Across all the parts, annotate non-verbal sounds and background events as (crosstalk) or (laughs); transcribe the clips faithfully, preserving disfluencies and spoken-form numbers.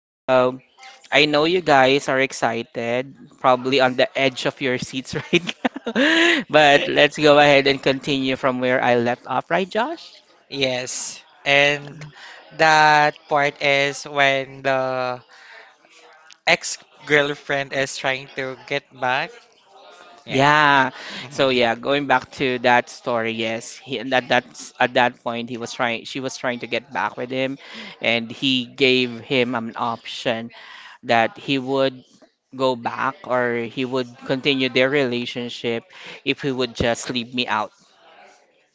So, I know you guys are excited, probably on the edge of your seats (laughs) right now. But let's go ahead and continue from where I left off, right, Josh? Yes. And that part is when the ex-girlfriend is trying to get back. Yeah. Yeah. hmm So yeah, going back to that story, yes, he, and at that that's at that point he was trying, she was trying to get back with him, and he gave him an option, that he would go back or he would continue their relationship if he would just leave me out.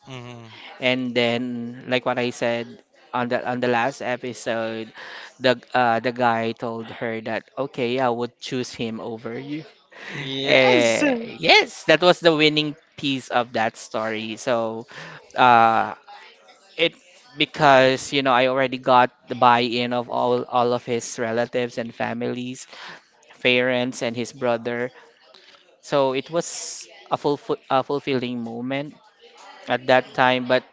hmm And then, like what I said on the on the last episode, the uh, the guy told her that, okay, I would choose him over you. (laughs) Yes. Uh, yes, that was the winning piece of that story. So, uh, it because you know I already got the buy-in of all all of his relatives and families, parents, and his brother. So it was a, fulf- a fulfilling moment at that time. But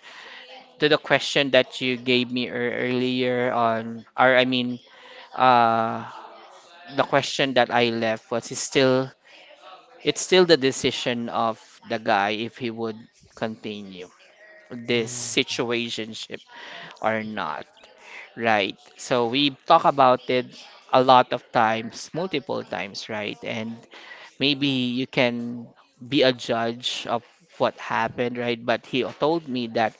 to the question that you gave me ear- earlier on, or I mean, uh, the question that I left was it's still it's still the decision of the guy if he would continue this Mm. situationship or not, right? So we talk about it a lot of times, multiple times, right? And maybe you can be a judge of what happened, right? But he told me that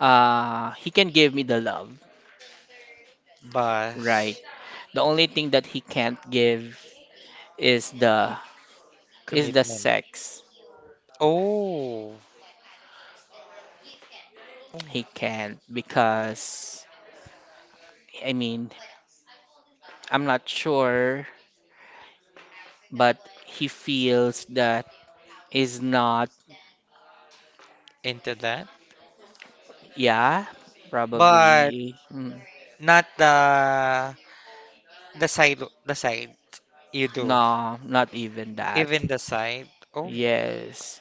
uh, he can give me the love, But right? The only thing that he can't give is the is the commitment. sex. Oh. Oh. He can't because, I mean, I'm not sure, but he feels that is not. Into that. Yeah. But Probably, mm, not the the side the side you do. no, not even that. Even the side. Oh. Yes,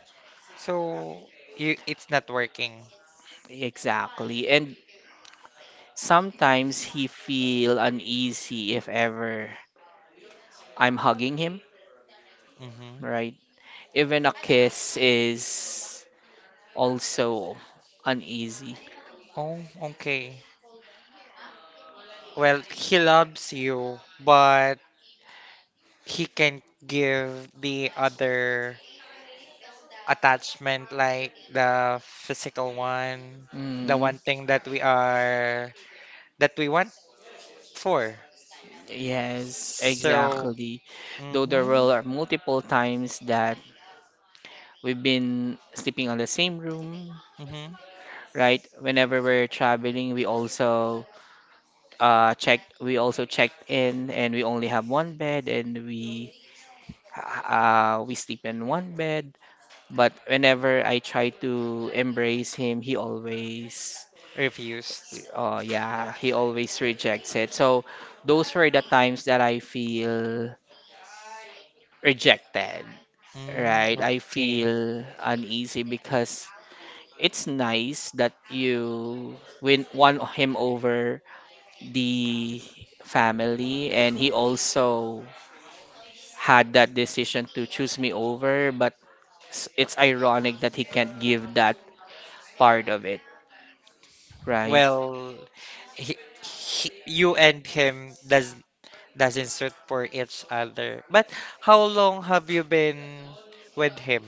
So you it's not working. exactly. And sometimes he feel uneasy if ever I'm hugging him, Mm-hmm. right? Even a kiss is also uneasy. Oh, okay. Well, he loves you, but he can give the other attachment, like the physical one, the Mm, one thing that we are that we want for. yes, So, exactly. Though there mm-hmm, were multiple times that we've been sleeping on the same room, mm-hmm, right? Whenever we're traveling, we also uh checked we also checked in and we only have one bed, and we uh we sleep in one bed. But whenever I try to embrace him, he always, refused. uh, yeah, he always rejects it. So those were the times that I feel rejected, Mm, right? I okay. feel uneasy because it's nice that you win won him over the family, and he also had that decision to choose me over, but s- it's ironic that he can't give that part of it, right? Well, he, he, you and him does doesn't suit for each other. But how long have you been with him?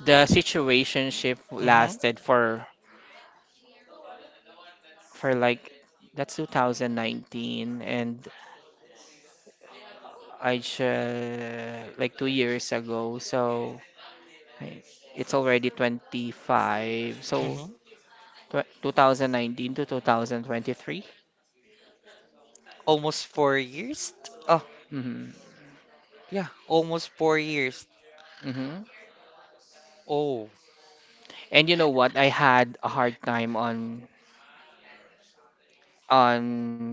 The situationship Mm-hmm. lasted for for like that's twenty nineteen, and I just like two years ago. So I- it's already twenty-five. So Mm-hmm. tw two thousand nineteen to two thousand twenty-three. Almost four years? Oh, Mm-hmm. yeah, almost four years. Mm-hmm. Oh, And you know what? I had a hard time on on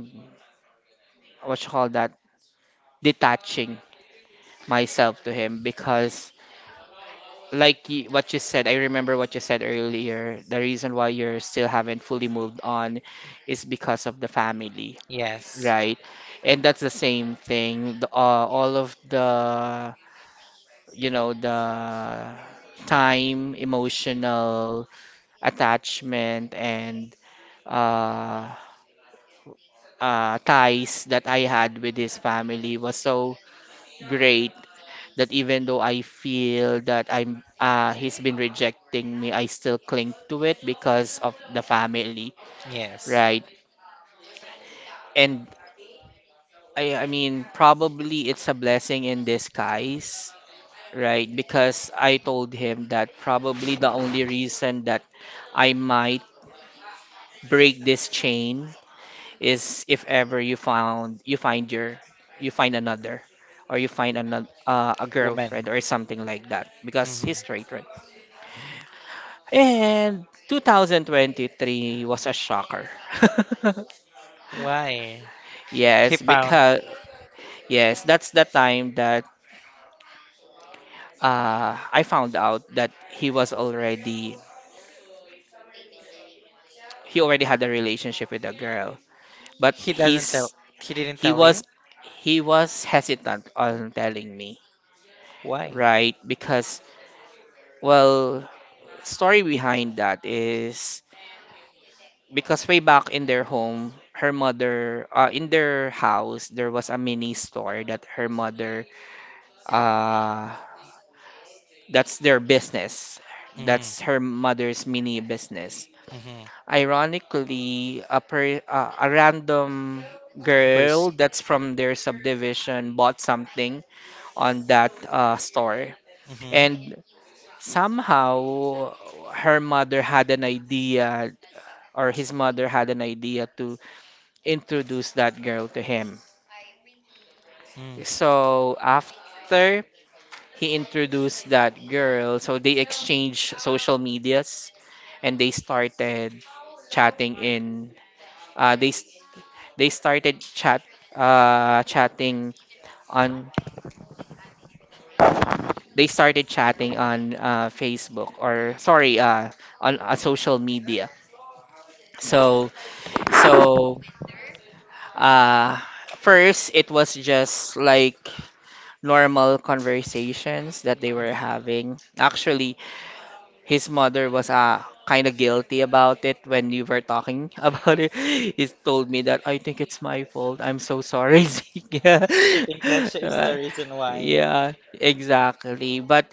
what you call that, detaching myself to him because like y- what you said, I remember what you said earlier. The reason why you're still haven't fully moved on is because of the family, yes, right? And that's the same thing. The, uh, all of the, you know, the time, emotional attachment, and uh, uh, ties that I had with his family was so great that even though I feel that I'm uh he's been rejecting me, I still cling to it because of the family, yes. right? And I I mean probably it's a blessing in disguise, right? Because I told him that probably the only reason that I might break this chain is if ever you found you find your you find another or you find another uh, a Woman. girlfriend or something like that because hmm he's straight, right? And twenty twenty-three was a shocker. Why? (laughs) He Yes, found. because yes, that's the time that uh, I found out that he was already he already had a relationship with a girl, but He doesn't tell. he's He didn't he tell was you? he was hesitant on telling me, Why? right? Because, well, story behind that is, because way back in their home, her mother, uh, in their house, there was a mini store that her mother. Uh, that's their business. That's Mm-hmm. her mother's mini business. Mm-hmm. Ironically, a, per, uh, a random Purse. girl that's from their subdivision bought something on that uh, store. Mm-hmm. And somehow her mother had an idea, or his mother had an idea, to introduce that girl to him. Mm. So after he introduced that girl. So they exchanged social medias and they started chatting in uh they s- they started chat uh chatting on they started chatting on uh Facebook, or sorry, uh on uh, social media. So so uh first it was just like normal conversations that they were having. Actually, his mother was uh, kind of guilty about it when you were talking (laughs) about it. He told me that, I think it's my fault. I'm so sorry, (laughs) Zeke. Yeah. She think that she is the Uh, reason why. yeah, exactly. But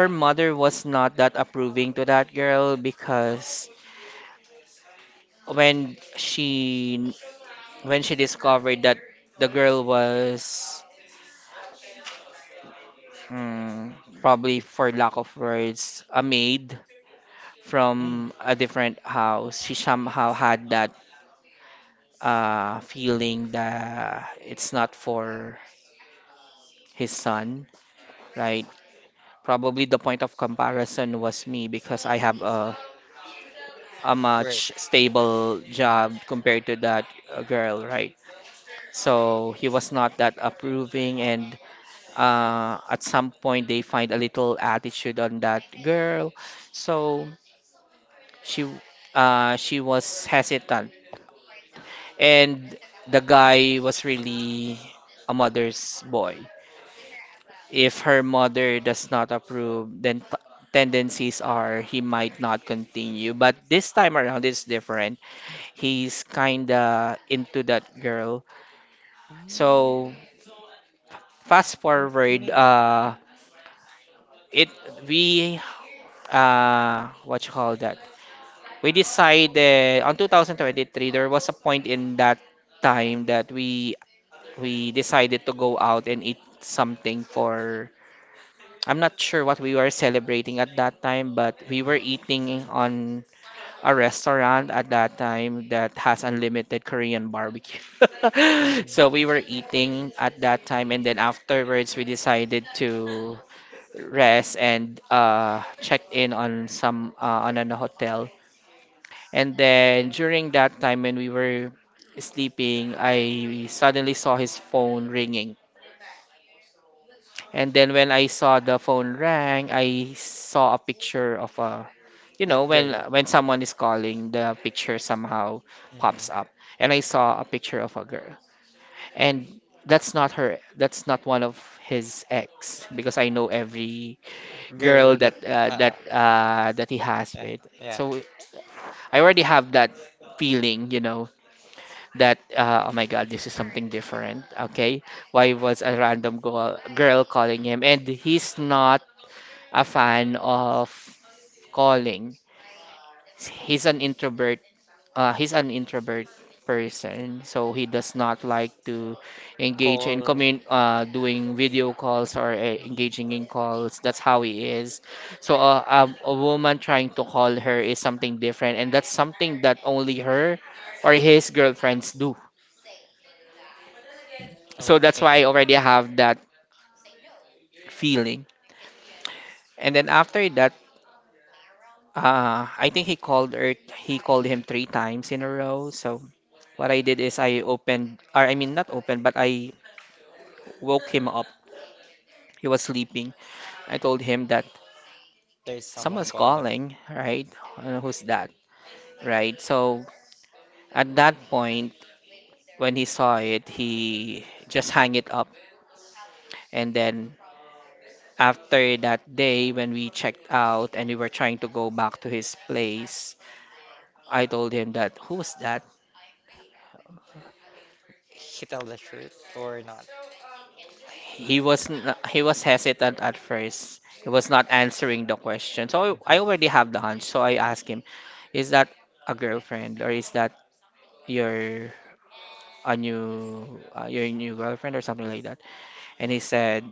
her mother was not that approving to that girl because when she when she discovered that the girl was, hmm, probably for lack of words, a maid Mm. from a different house. She somehow had that uh, feeling that it's not for his son, right? Probably the point of comparison was me because I have a a Right. much stable job Mm-hmm. compared to that uh, girl, right? So he was not that approving, and uh, at some point they find a little attitude on that girl. So she uh, she was hesitant, and the guy was really a mother's boy. If her mother does not approve, then t- tendencies are he might not continue. But this time around, it's different. He's kinda into that girl. So fast forward, Okay. uh, it we uh what you call that? We decided on twenty twenty-three. There was a point in that time that we we decided to go out and eat something, for I'm not sure what we were celebrating at that time, but we were Mm-hmm. eating on a restaurant at that time that has unlimited Korean barbecue. (laughs) So Mm-hmm. we were eating at that time, and then afterwards we decided to rest and uh, check in on some uh, on an hotel. And then during that time when we were sleeping, I suddenly saw his phone ringing. And then when I saw the phone rang, I saw a picture of a, you That know, when girl. when someone is calling, the picture somehow Mm-hmm. pops up. And I saw a picture of a girl. And that's not her, that's not one of his ex because I know every Girl girl that that uh, uh, uh, that uh, that he has yeah, with. yeah. So I already have that feeling, you know, that uh, oh my God, this is something different. Okay, why was a random girl girl calling him? And he's not a fan of calling. He's an introvert. Uh, he's an introvert person, so he does not like to engage in Call. commun uh, doing video calls or uh, Mm-hmm. engaging in calls. That's how he is. So uh, a, a woman trying to call her is something different, and that's something that only her or his girlfriends do. So that's Okay. why I already have that feeling. And then after that, Uh, I think he called her, he called him three times in a row. So what I did is I opened, or I mean not opened, but I woke him up. He was sleeping. I told him that There's someone someone's calling, calling, right? Uh, who's that, right? So at that point, when he saw it, he just hung it up. And then after that day, when we checked out and we were trying to go back to his place, I told him that who was that? he tell the truth or not. He was n- he was hesitant at first. He was not answering the question. So I Mhm. already have the hunch. So I asked him, "Is that a girlfriend or is that your a new uh, your new girlfriend or something like that?" And he said,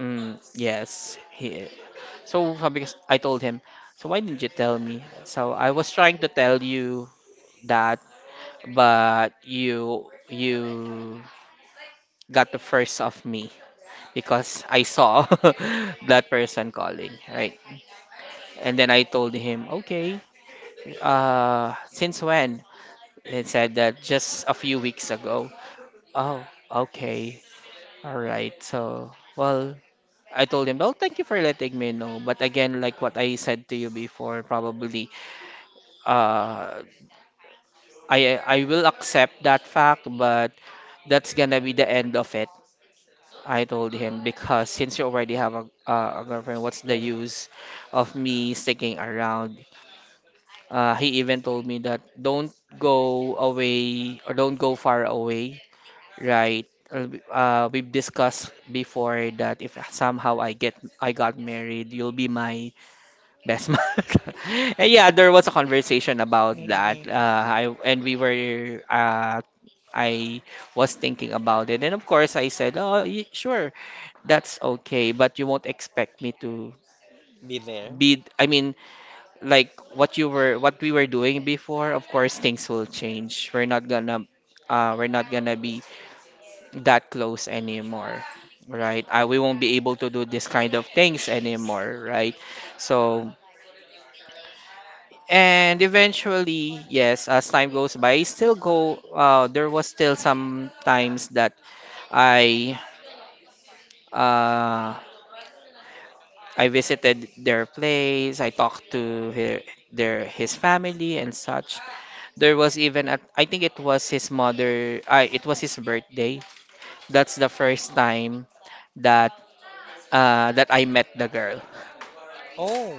mm, "Yes." He so sabi ko s- I told him, "So why didn't you tell me? So I was trying to tell you that, but you you got the first of me, because I saw (laughs) that person calling, right?" And then I told him, okay, uh, since when? He said that just a few weeks ago. Oh, okay, all right. So, well, I told him, well, thank you for letting me know. But again, like what I said to you before, probably, uh, I I will accept that fact, but that's gonna be the end of it, I told him, because since you already have a, uh, a girlfriend, what's the Really? use of me sticking around? Uh, he even told me that don't go away or don't go far away, right? Uh, we- uh, we've discussed before that if somehow I get I got married, you'll be my best month. (laughs) And yeah, there was a conversation about that. Mm-mm. Uh, I and we were uh, I was thinking about it, and of course I said, "Oh, y- sure, that's okay, but you won't expect me to Be there. be." I mean, like what you were, what we were doing before. Of course, things will change. We're not gonna, uh, we're not gonna be that close anymore, right? Uh, we won't be able to do this kind of things anymore, right? So And eventually, yes, as time goes by, I still go. Uh, there was still some times that I uh, I visited their place. I talked to her, their his family and such. There was even a, I think it was his mother. I It was his birthday. That's the first time that uh, that I met the girl Oh. Mm.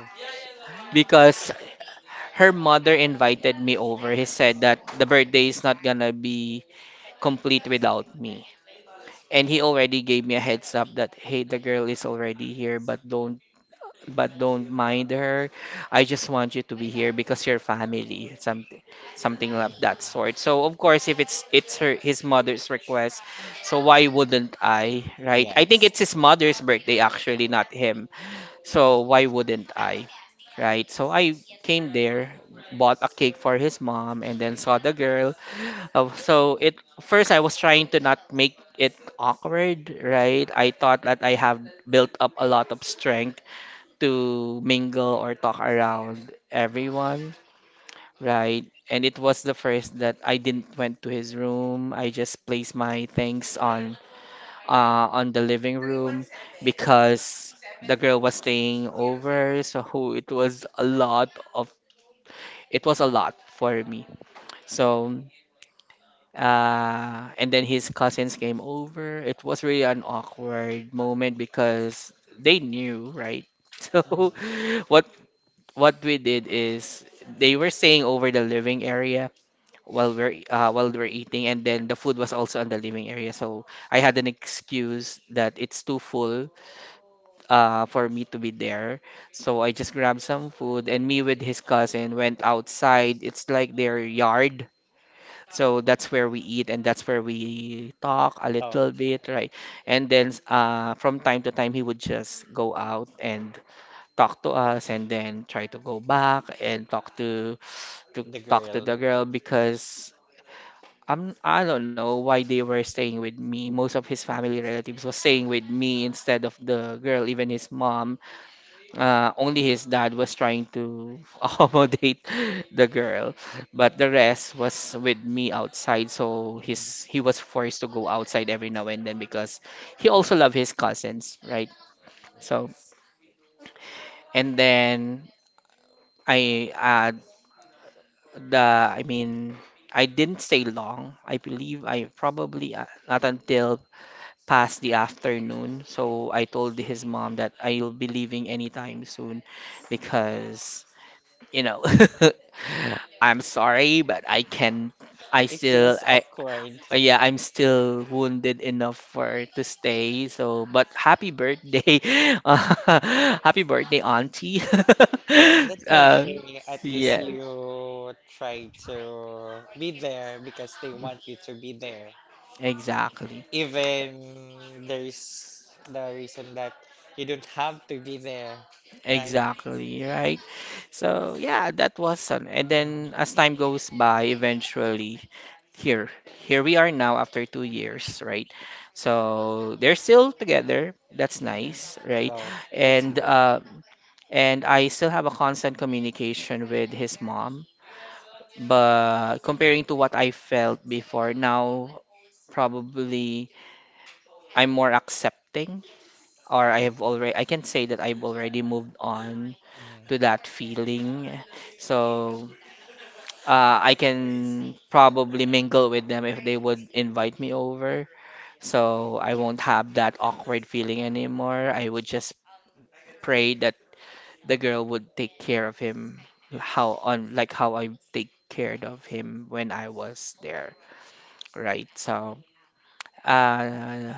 because her mother invited me over. He said that the birthday is not gonna be complete without me. And he already gave me a heads up that hey, the girl is already here, but don't but don't mind her. I just want you to be here because you're family, something something of that sort. So of course, if it's it's her his mother's request, so why wouldn't I, right? I think Yes. it's his mother's birthday actually, not him. So why wouldn't I, right? So I came there, bought a cake for his mom, and then saw the girl. Uh, so it First I was trying to not make it awkward, right? I thought that I have built up a lot of strength to mingle or talk around everyone, right? And it was the first that I didn't went to his room. I just placed my things on uh, on the living room because the girl was staying over. So it was a lot of it was a lot for me. So uh, and then his cousins came over. It was really an awkward moment because they knew, right? (laughs) So Mhm. what what we did is they were staying over the living area while we're uh, while we're eating, and then the food was also on the living area. So I had an excuse that it's too full uh, for me to be there. So I just grabbed some food, and me with his cousin went outside. It's like their yard. So that's where we eat, and that's where we talk a Oh, little bit, right? And then uh, from time to time, he would just go out and talk to us, and then try to go back and talk to to the talk girl. to the girl because. I'm, I don't know why they were staying with me. Most of his family relatives was staying with me instead of the girl, even his mom, uh, only his dad was trying to (laughs) accommodate the girl, but the rest was with me outside. So his Mhm. he was forced to go outside every now and then because he also loved his cousins, right? So and then I uh, the I mean I didn't stay long. I believe I probably uh, not until past the afternoon. So I told his mom that I'll be leaving anytime soon because you know (laughs) I'm sorry but I can I It feels still I awkward. uh, yeah I'm still wounded enough for to stay so but happy birthday. (laughs) Uh, happy birthday auntie. Well, that's (laughs) uh, okay. At least yeah, you try to be there because they want you to be there. exactly. Even there's the reason that you don't have to be there, right? Exactly, right? So yeah, that was an and Mhm. then as time goes by, eventually here here we are now after two years, right? So they're still together. That's Mhm. nice, right? Well, that's And good. uh and I still have a constant communication with his mom. But comparing to what I felt before, now probably I'm more accepting, or I have already I can say that I've already moved on Mhm. to that feeling. So uh, I can probably mingle with them if they would invite me over. So I won't have that awkward feeling anymore. I would just pray that the girl would take care of him how on like how I take care of him when I was there, right? So uh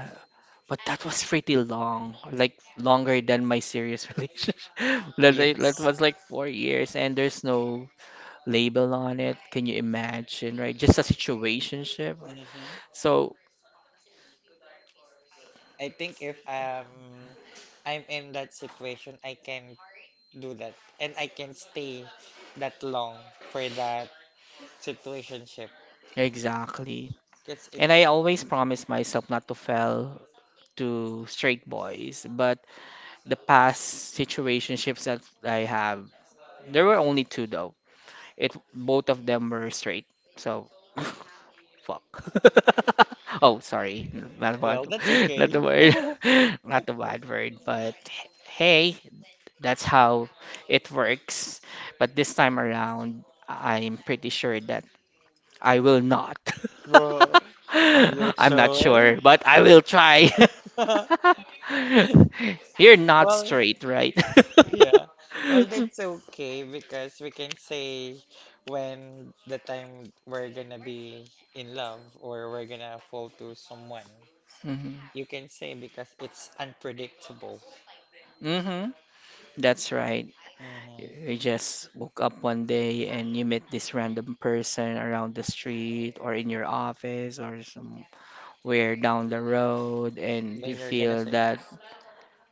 but that was pretty long, like longer than my serious (laughs) relationship. That Yes. That was like four years, and there's no label on it. Can you imagine, right? Just a situationship. hmm So, I think if um I'm in that situation, I can do that and I can stay that long for that situationship exactly. because it's And I always promise myself not to fall to straight boys, but the past situationships that I have, there were only two though. It Both of them were straight. So, (laughs) fuck. (laughs) Oh, sorry, not a well, bad, that's (laughs) okay. not the (laughs) word, (laughs) not the bad word, but hey, that's how it works. But this time around, I'm pretty sure that I will not. Well, (laughs) are you I'm not sure? sure, but I will try. (laughs) Well, (laughs) You're not straight, right? yeah. Well, that's (laughs) okay because we can say when the time we're gonna be in love or we're gonna fall to someone. Hmm. You can say because it's unpredictable. Hmm. That's right. hmm You just woke up one day and you met this random person around the street or in your office or somewhere down the road, and Then you you're gonna feel say, that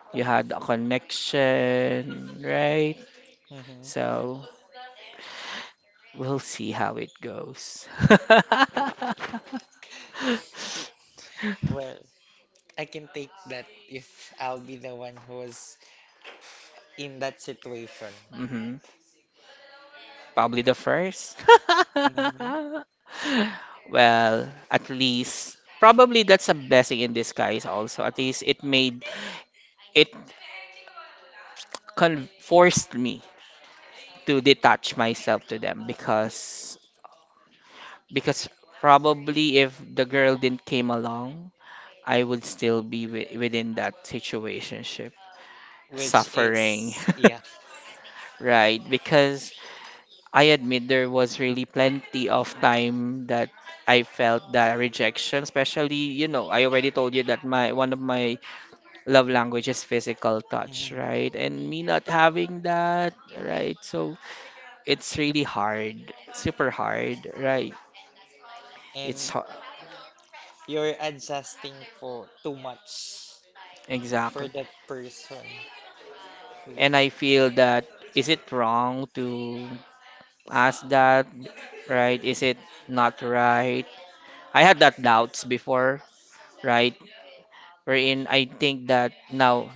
oh, you had a connection, right? hmm So we'll see how it goes. (laughs) Well, I can take that if I'll be the one who was in that situation. Hmm. Probably the first. (laughs) hmm Well, at least probably that's a blessing in disguise also. At least it made it con- forced me to detach myself to them because because probably if the girl didn't came along, I would still be wi- within that situationship, Which suffering, is, yeah. (laughs) right? Because I admit there was really plenty of time that I felt that rejection, especially, you know, I already told you that my one of my love language is physical touch, hmm right? And me not having that, right? So it's really hard, super hard, right? It's And hard. you're adjusting for too much for Exactly. that person. And Because I feel that, is it wrong to ask that, right? Is it not right? I had that doubts before, right? Wherein I think that now,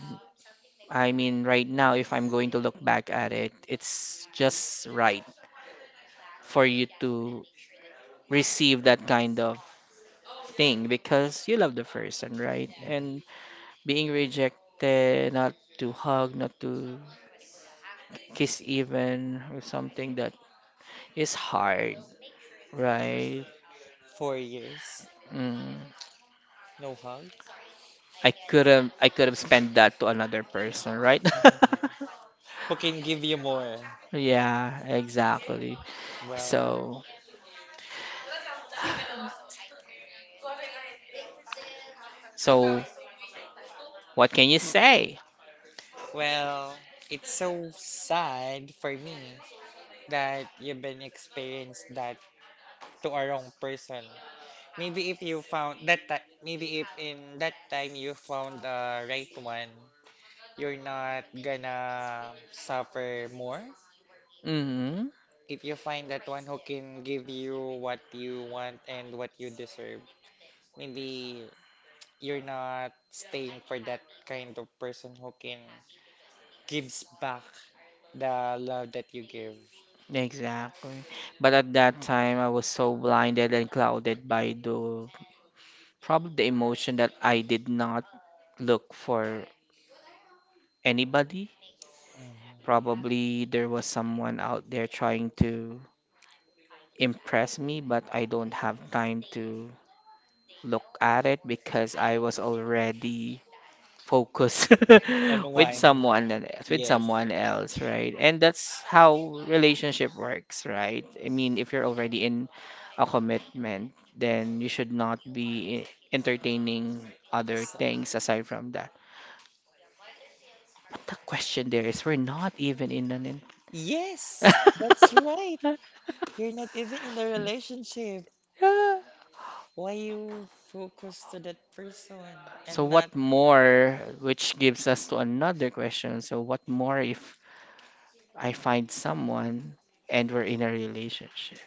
I mean, right now, if I'm going to look back at it, it's just right for you to receive that kind of thing because you love the person, right? And mhm, being rejected, not to hug, not to kiss even, or something, that is hard, right? four years, Mm. no hug. I could have I could have spent that to another person, right? Mhm. (laughs) Who can give you more? Yeah, exactly. Well, So, so what can you say? well, it's so sad for me that you've been experienced that to a wrong person. Maybe if you found that ti- maybe if in that time you found the right one, you're not gonna suffer more. Mm-hmm. If you find that one who can give you what you want and what you deserve, maybe you're not staying for that kind of person who can gives back the love that you give. Exactly. But at that time, I was so blinded and clouded by the, probably the emotion, that I did not look for anybody. Mhm. Probably there was someone out there trying to impress me, but I don't have time to look at it because I was already focus On (laughs) with one, someone else, with yes. someone else, right? And that's how relationship works, right? I mean, if you're already in a commitment, then you should not be eh, entertaining other So, things aside from that. But the question there is, we're not even in an, in- yes, (laughs) that's right. You're not even in the relationship. yeah. Why you focus to that person So and what not? more, which gives us to another question. So what more if I find someone and we're in a relationship?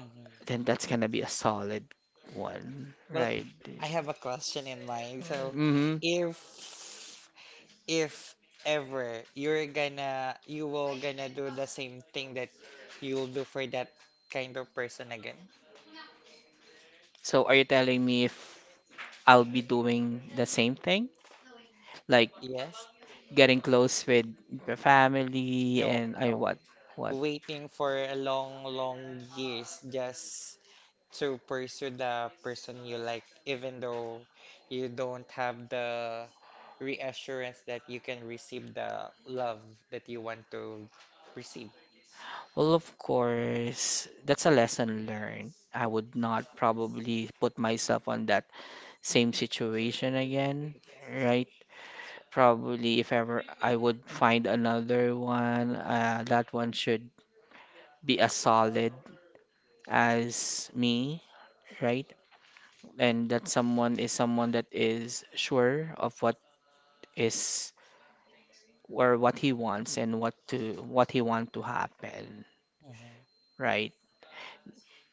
Mhm. Then that's gonna be a solid one, Well, right? I have a question in mind. So, Mm-hmm. if if ever you're gonna you will gonna do the same thing that you'll do for that kind of person again? So are you telling me if I'll be doing the same thing? Like Yes? getting close with the family No, and I no. what? What? Waiting for a long, long years just to pursue the person you like, even though you don't have the reassurance that you can receive the love that you want to receive. Well, of course, that's a lesson learned. I would not probably put myself on that same situation again, right? Probably if ever I would find another one, uh, that one should be a solid as me, right? And that someone is someone that is sure of what is, or what he wants and what to what he want to happen, Mm-hmm. right?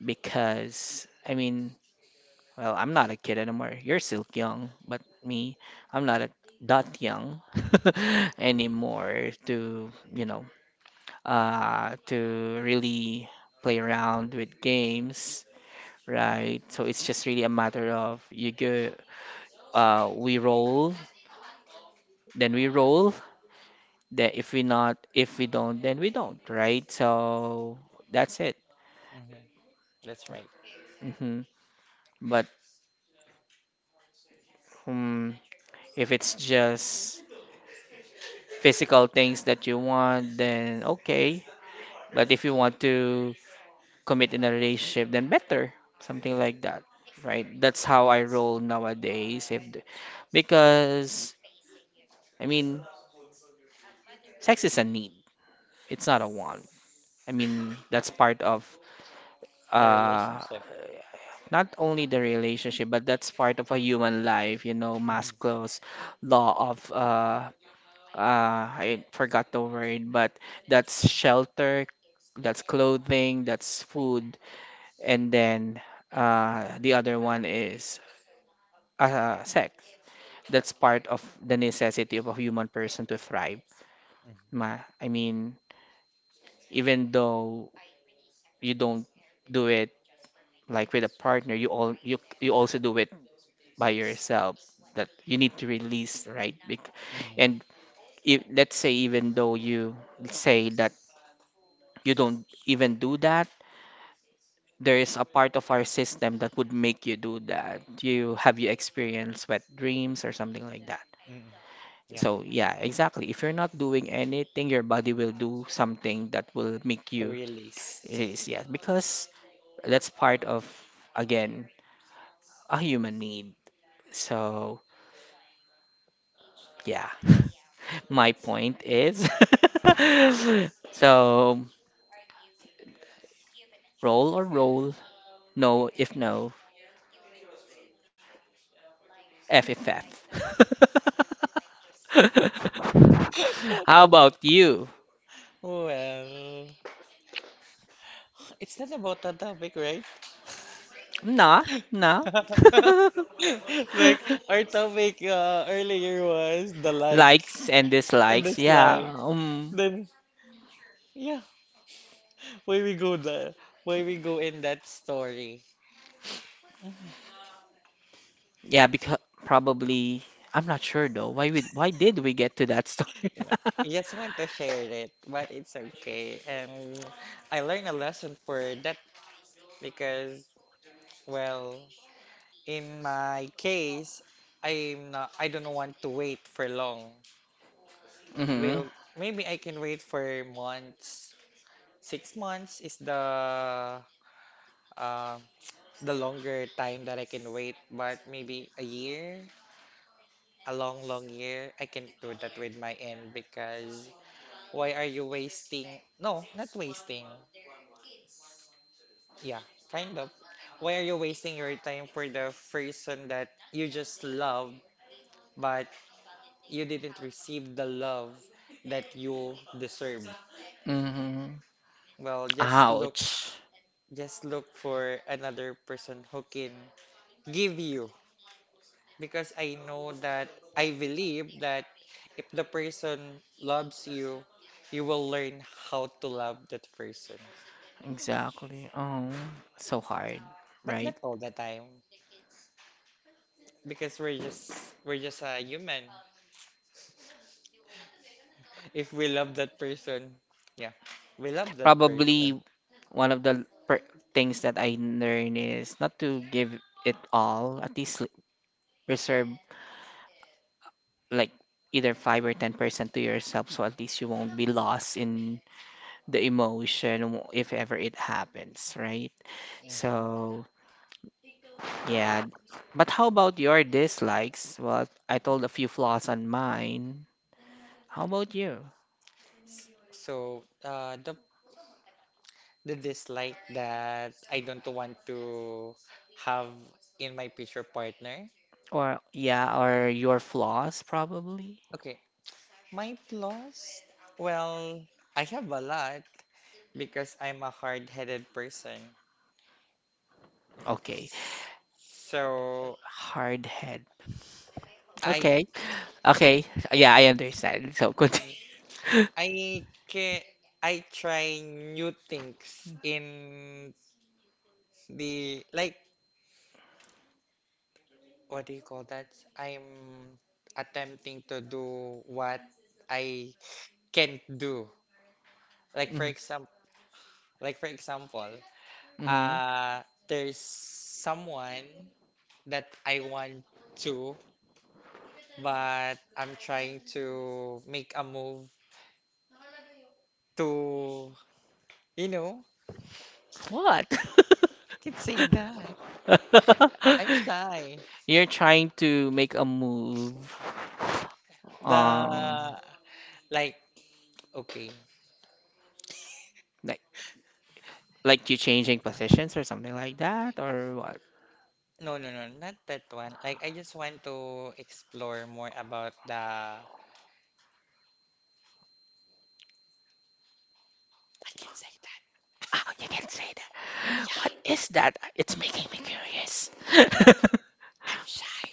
Because I mean, well, I'm not a kid anymore. You're still young, but me, I'm not a, that young (laughs) anymore to, you know, uh to really play around with games. Right, so it's just really a matter of you go uh we roll, then we roll, then if we not, if we don't then we don't, right? So that's it. Mm-hmm. That's right. Hmm. But um, if it's just physical things that you want, then okay, but if you want to commit in a relationship, then better something like that, right? That's how I roll nowadays, if the, because I mean, sex is a need, it's not a want. I mean, that's part of The uh relationship. not only the relationship, but that's part of a human life, you know, Mm-hmm. Maslow's law of uh uh I forgot the word, but that's shelter, that's clothing, that's food, and then uh the other one is uh sex. That's part of the necessity of a human person to thrive. Mm-hmm. Ma I mean, even though you don't do it like with a partner, you all you you also do it by yourself, that you need to release, right? Bec- Mm-hmm. And if, let's say, even though you say that you don't even do that, there is a part of our system that would make you do that. You have you experienced wet dreams or something like that. Mm-hmm. Yeah. So yeah, exactly. If you're not doing anything, your body will do something that will make The you release. release. Yeah, because that's part of, again, a human need. So yeah. (laughs) My point is, (laughs) so roll or roll, no if no, F if F. (laughs) (laughs) How about you? Well, it's not about the topic, right? Nah, nah. (laughs) (laughs) Like our topic uh, earlier was the like Likes and and dislikes, dislike. yeah. Um, Then yeah, why we go the why we go in that story. yeah, because probably I'm not sure though. Why we, why did we get to that story? You know, (laughs) I just want to share it, but it's okay. And I learned a lesson for that because well, in my case, I'm not. I don't want to wait for long. Mm-hmm. Well, maybe I can wait for months. Six months is the um, the longer time that I can wait, but maybe a year, a long, long year, I can do that with my end because why are you wasting? No, not wasting. Yeah, kind of. Why are you wasting your time for the person that you just love, but you didn't receive the love that you deserve? Mm-hmm. Well, just look, Ouch. just look for another person who can give you because I know that I believe that if the person loves you, you will learn how to love that person. Exactly. Oh, so hard, But right? not all the time because we're just we're just a human. If we love that person, yeah, we love that person. Probably one of the per- things that I learn is not to give it all, at least l- reserve like either five or ten percent to yourself so at least you won't be lost in the emotion w- if ever it happens, right? Mhm. So, yeah. But how about your dislikes? Well, I told a few flaws on mine. How about you? S- So uh, the the dislike that I don't want to have in my future partner. Or, yeah, or your flaws probably? Okay, my flaws. Well, I have a lot. Because I'm a hard-headed person. Okay. So Hard head. I Okay. Okay. Yeah, I understand. So mhm. continue. (laughs) I can I try new things in the like what do you call that? I'm attempting to do what I can't do. Like for Mhm. example, like for example, Mhm. uh there's someone that I want to, but I'm trying to make a move to. You know, What? I can say that. I'm (laughs) shy. You're trying to make a move, um, The like okay. like like you changing positions or something like that, or what? No, no, no, not that one. Like I just want to explore more about the I can say that. Oh, you can say that. What Yeah, is that? It's making me curious. (laughs) I'm shy.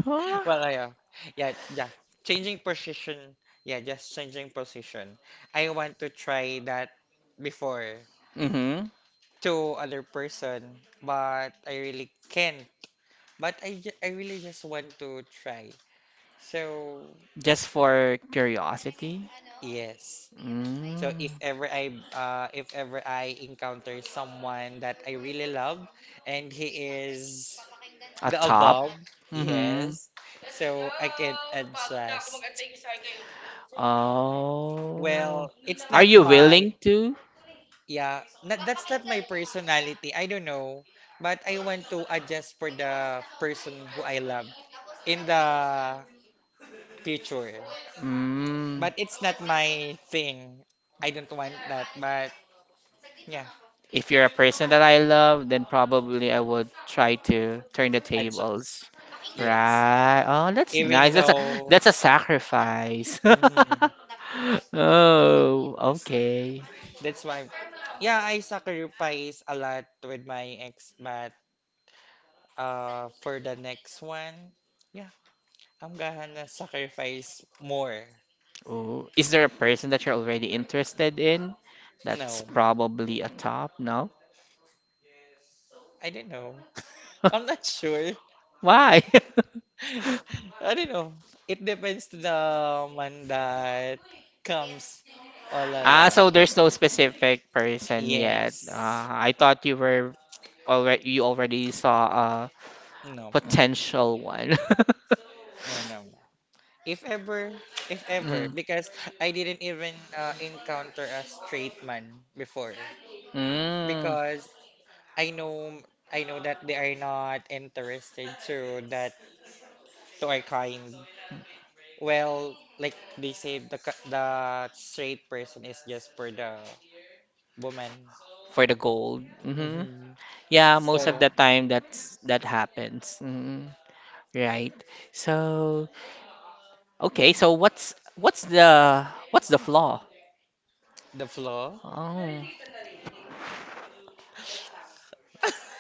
Huh? Well, I, uh, yeah, yeah. Changing position. Yeah, just changing position. I want to try that before Mm-hmm. to other person, but I really can't. But I, ju- I really just want to try. So, Just for curiosity. yes. So if Mm. ever I uh, if ever I encounter someone that I really love and he is A the top. above, Mm-hmm. yes. So I can adjust. Oh. Well, it's Are not you my willing to? yeah, not, that's not my personality. I don't know, but I want to adjust for the person who I love in the future. Mm. But it's not my thing. I don't want that, but yeah, If you're a person that I love, then probably I would try to turn the adjust. tables. Yes. Right. Oh, that's Even nice. That's a though, That's a sacrifice. mhm. (laughs) Oh, Yes, okay. that's why. Yeah, I sacrifice a lot with my ex, but uh, for the next one, yeah, I'm gonna sacrifice more. Oh, is there a person that you're already interested in? That's No, probably a top, no? I don't know. I'm (laughs) not sure. Why? (laughs) (laughs) I don't know. It depends to the one that comes all Ah, so along. there's no specific person yet. Uh, Yes. I thought you were already you already saw a No, potential one. (laughs) no, no, no. If ever, if ever, Mm. because I didn't even uh, encounter a straight man before, Mm. because I know I know that they are not interested to that to our kind. Well, like they say, the ki- the straight person is just for the woman. For the gold. Hmm. hmm Yeah, most of So the time that's that happens. Hmm. Right. So, okay, so what's what's the what's the flaw? the flaw. Oh. (laughs)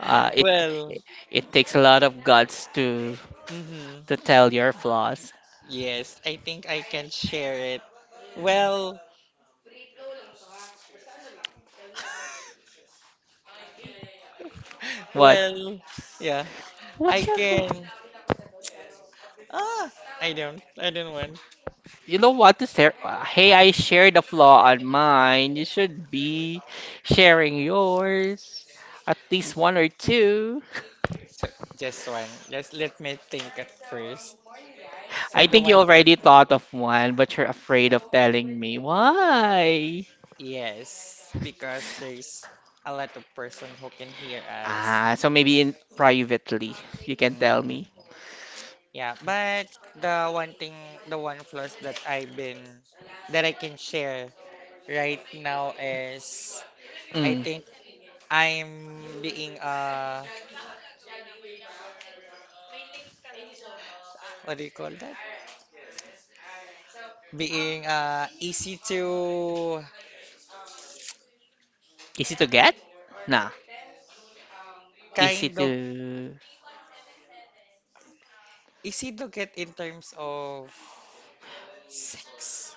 Uh, it Well, it takes a lot of guts to hmm to tell your flaws. yes, I think I can share it. Well, (laughs) What? well, yeah. I What's your flaw? can. Ah, I don't. I don't want. You don't want to share. uh, Hey, I shared the flaw on mine. You should be sharing yours. At least one or two. (laughs) So just one. Just let me think at first. So I the think you one, already thought of one, but you're afraid of telling me. Why? yes, because there's a lot of person who can hear us. Ah, so maybe in privately, you can Mm, tell me. yeah, but the one thing, the one flaws that I've been, that I can share right now is, I Mm. think I'm being uh, what do you call that? Being uh easy to Easy to get? Nah. Easy kind of. to. Is it look in terms of sex?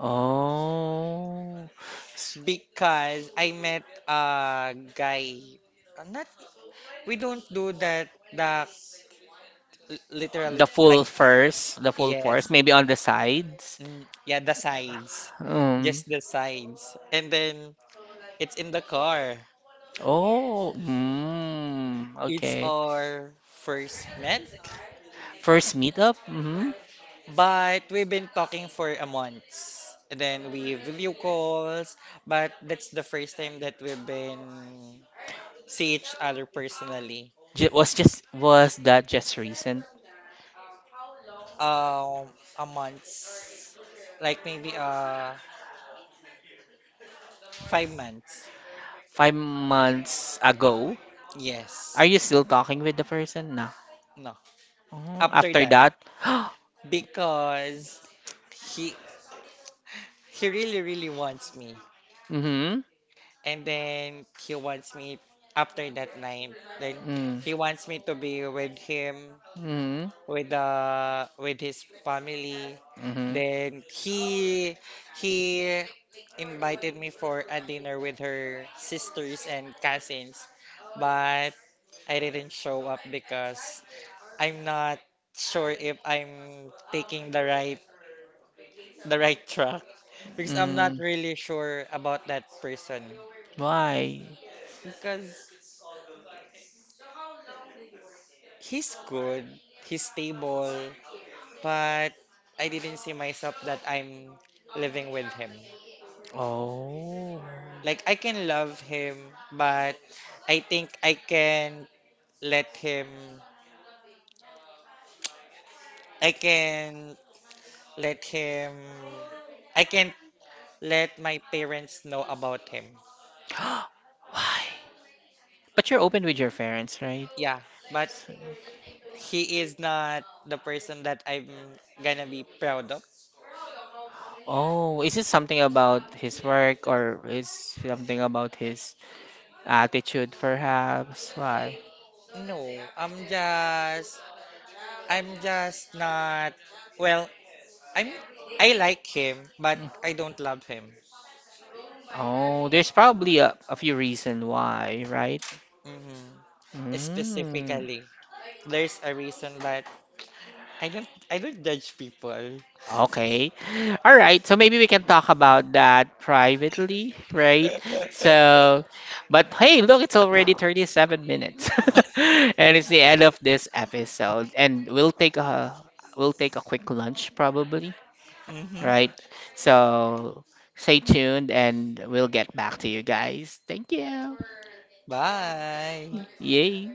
Oh. S- Because I met a guy. uh, Not we don't do that. The literally The like full first, the full force, yes, maybe on the sides. mm, yeah, the sides, Um. just the sides, and then it's in the car. Oh, mm, It's okay. our first met, First meetup? Mm-hmm. but we've been talking for a month. And then we video calls, but that's the first time that we've been see each other personally J was just Was that just recent? um a month like maybe uh five months Five months ago? yes Are you still talking with the person? No. no Oh, after after that that? (gasps) because he he really really wants me Mm-hmm. and then he wants me after that night then Mm. he wants me to be with him Mm-hmm. with the with his family. Mm-hmm. Then he he invited me for a dinner with her sisters and cousins, but I didn't show up because I'm not sure if I'm taking the right the right (laughs) track because I'm not Mm. really sure about that person Why? because he's good, he's stable, but I didn't see myself that I'm living with him. Oh. (gasps) Like I can love him, but I think I can let him I can let him I can let my parents know about him. Why? But you're open with your parents, right? Yeah, but So- he is not the person that I'm gonna be proud of. Oh, is it something about his work or is something about his attitude, perhaps? Why? No, I'm just I'm just not well, I'm I like him, but Mm. I don't love him. Oh, there's probably a, a few reason why, right? hmm Mm. Specifically, there's a reason that I don't I don't judge people. Okay. All right. So maybe we can talk about that privately, right? (laughs) So, but hey, look, it's already thirty-seven minutes. (laughs) And it's the end of this episode. And we'll take a we'll take a quick lunch probably, hmm right? So, stay tuned and we'll get back to you guys. Thank you. Bye. Yay.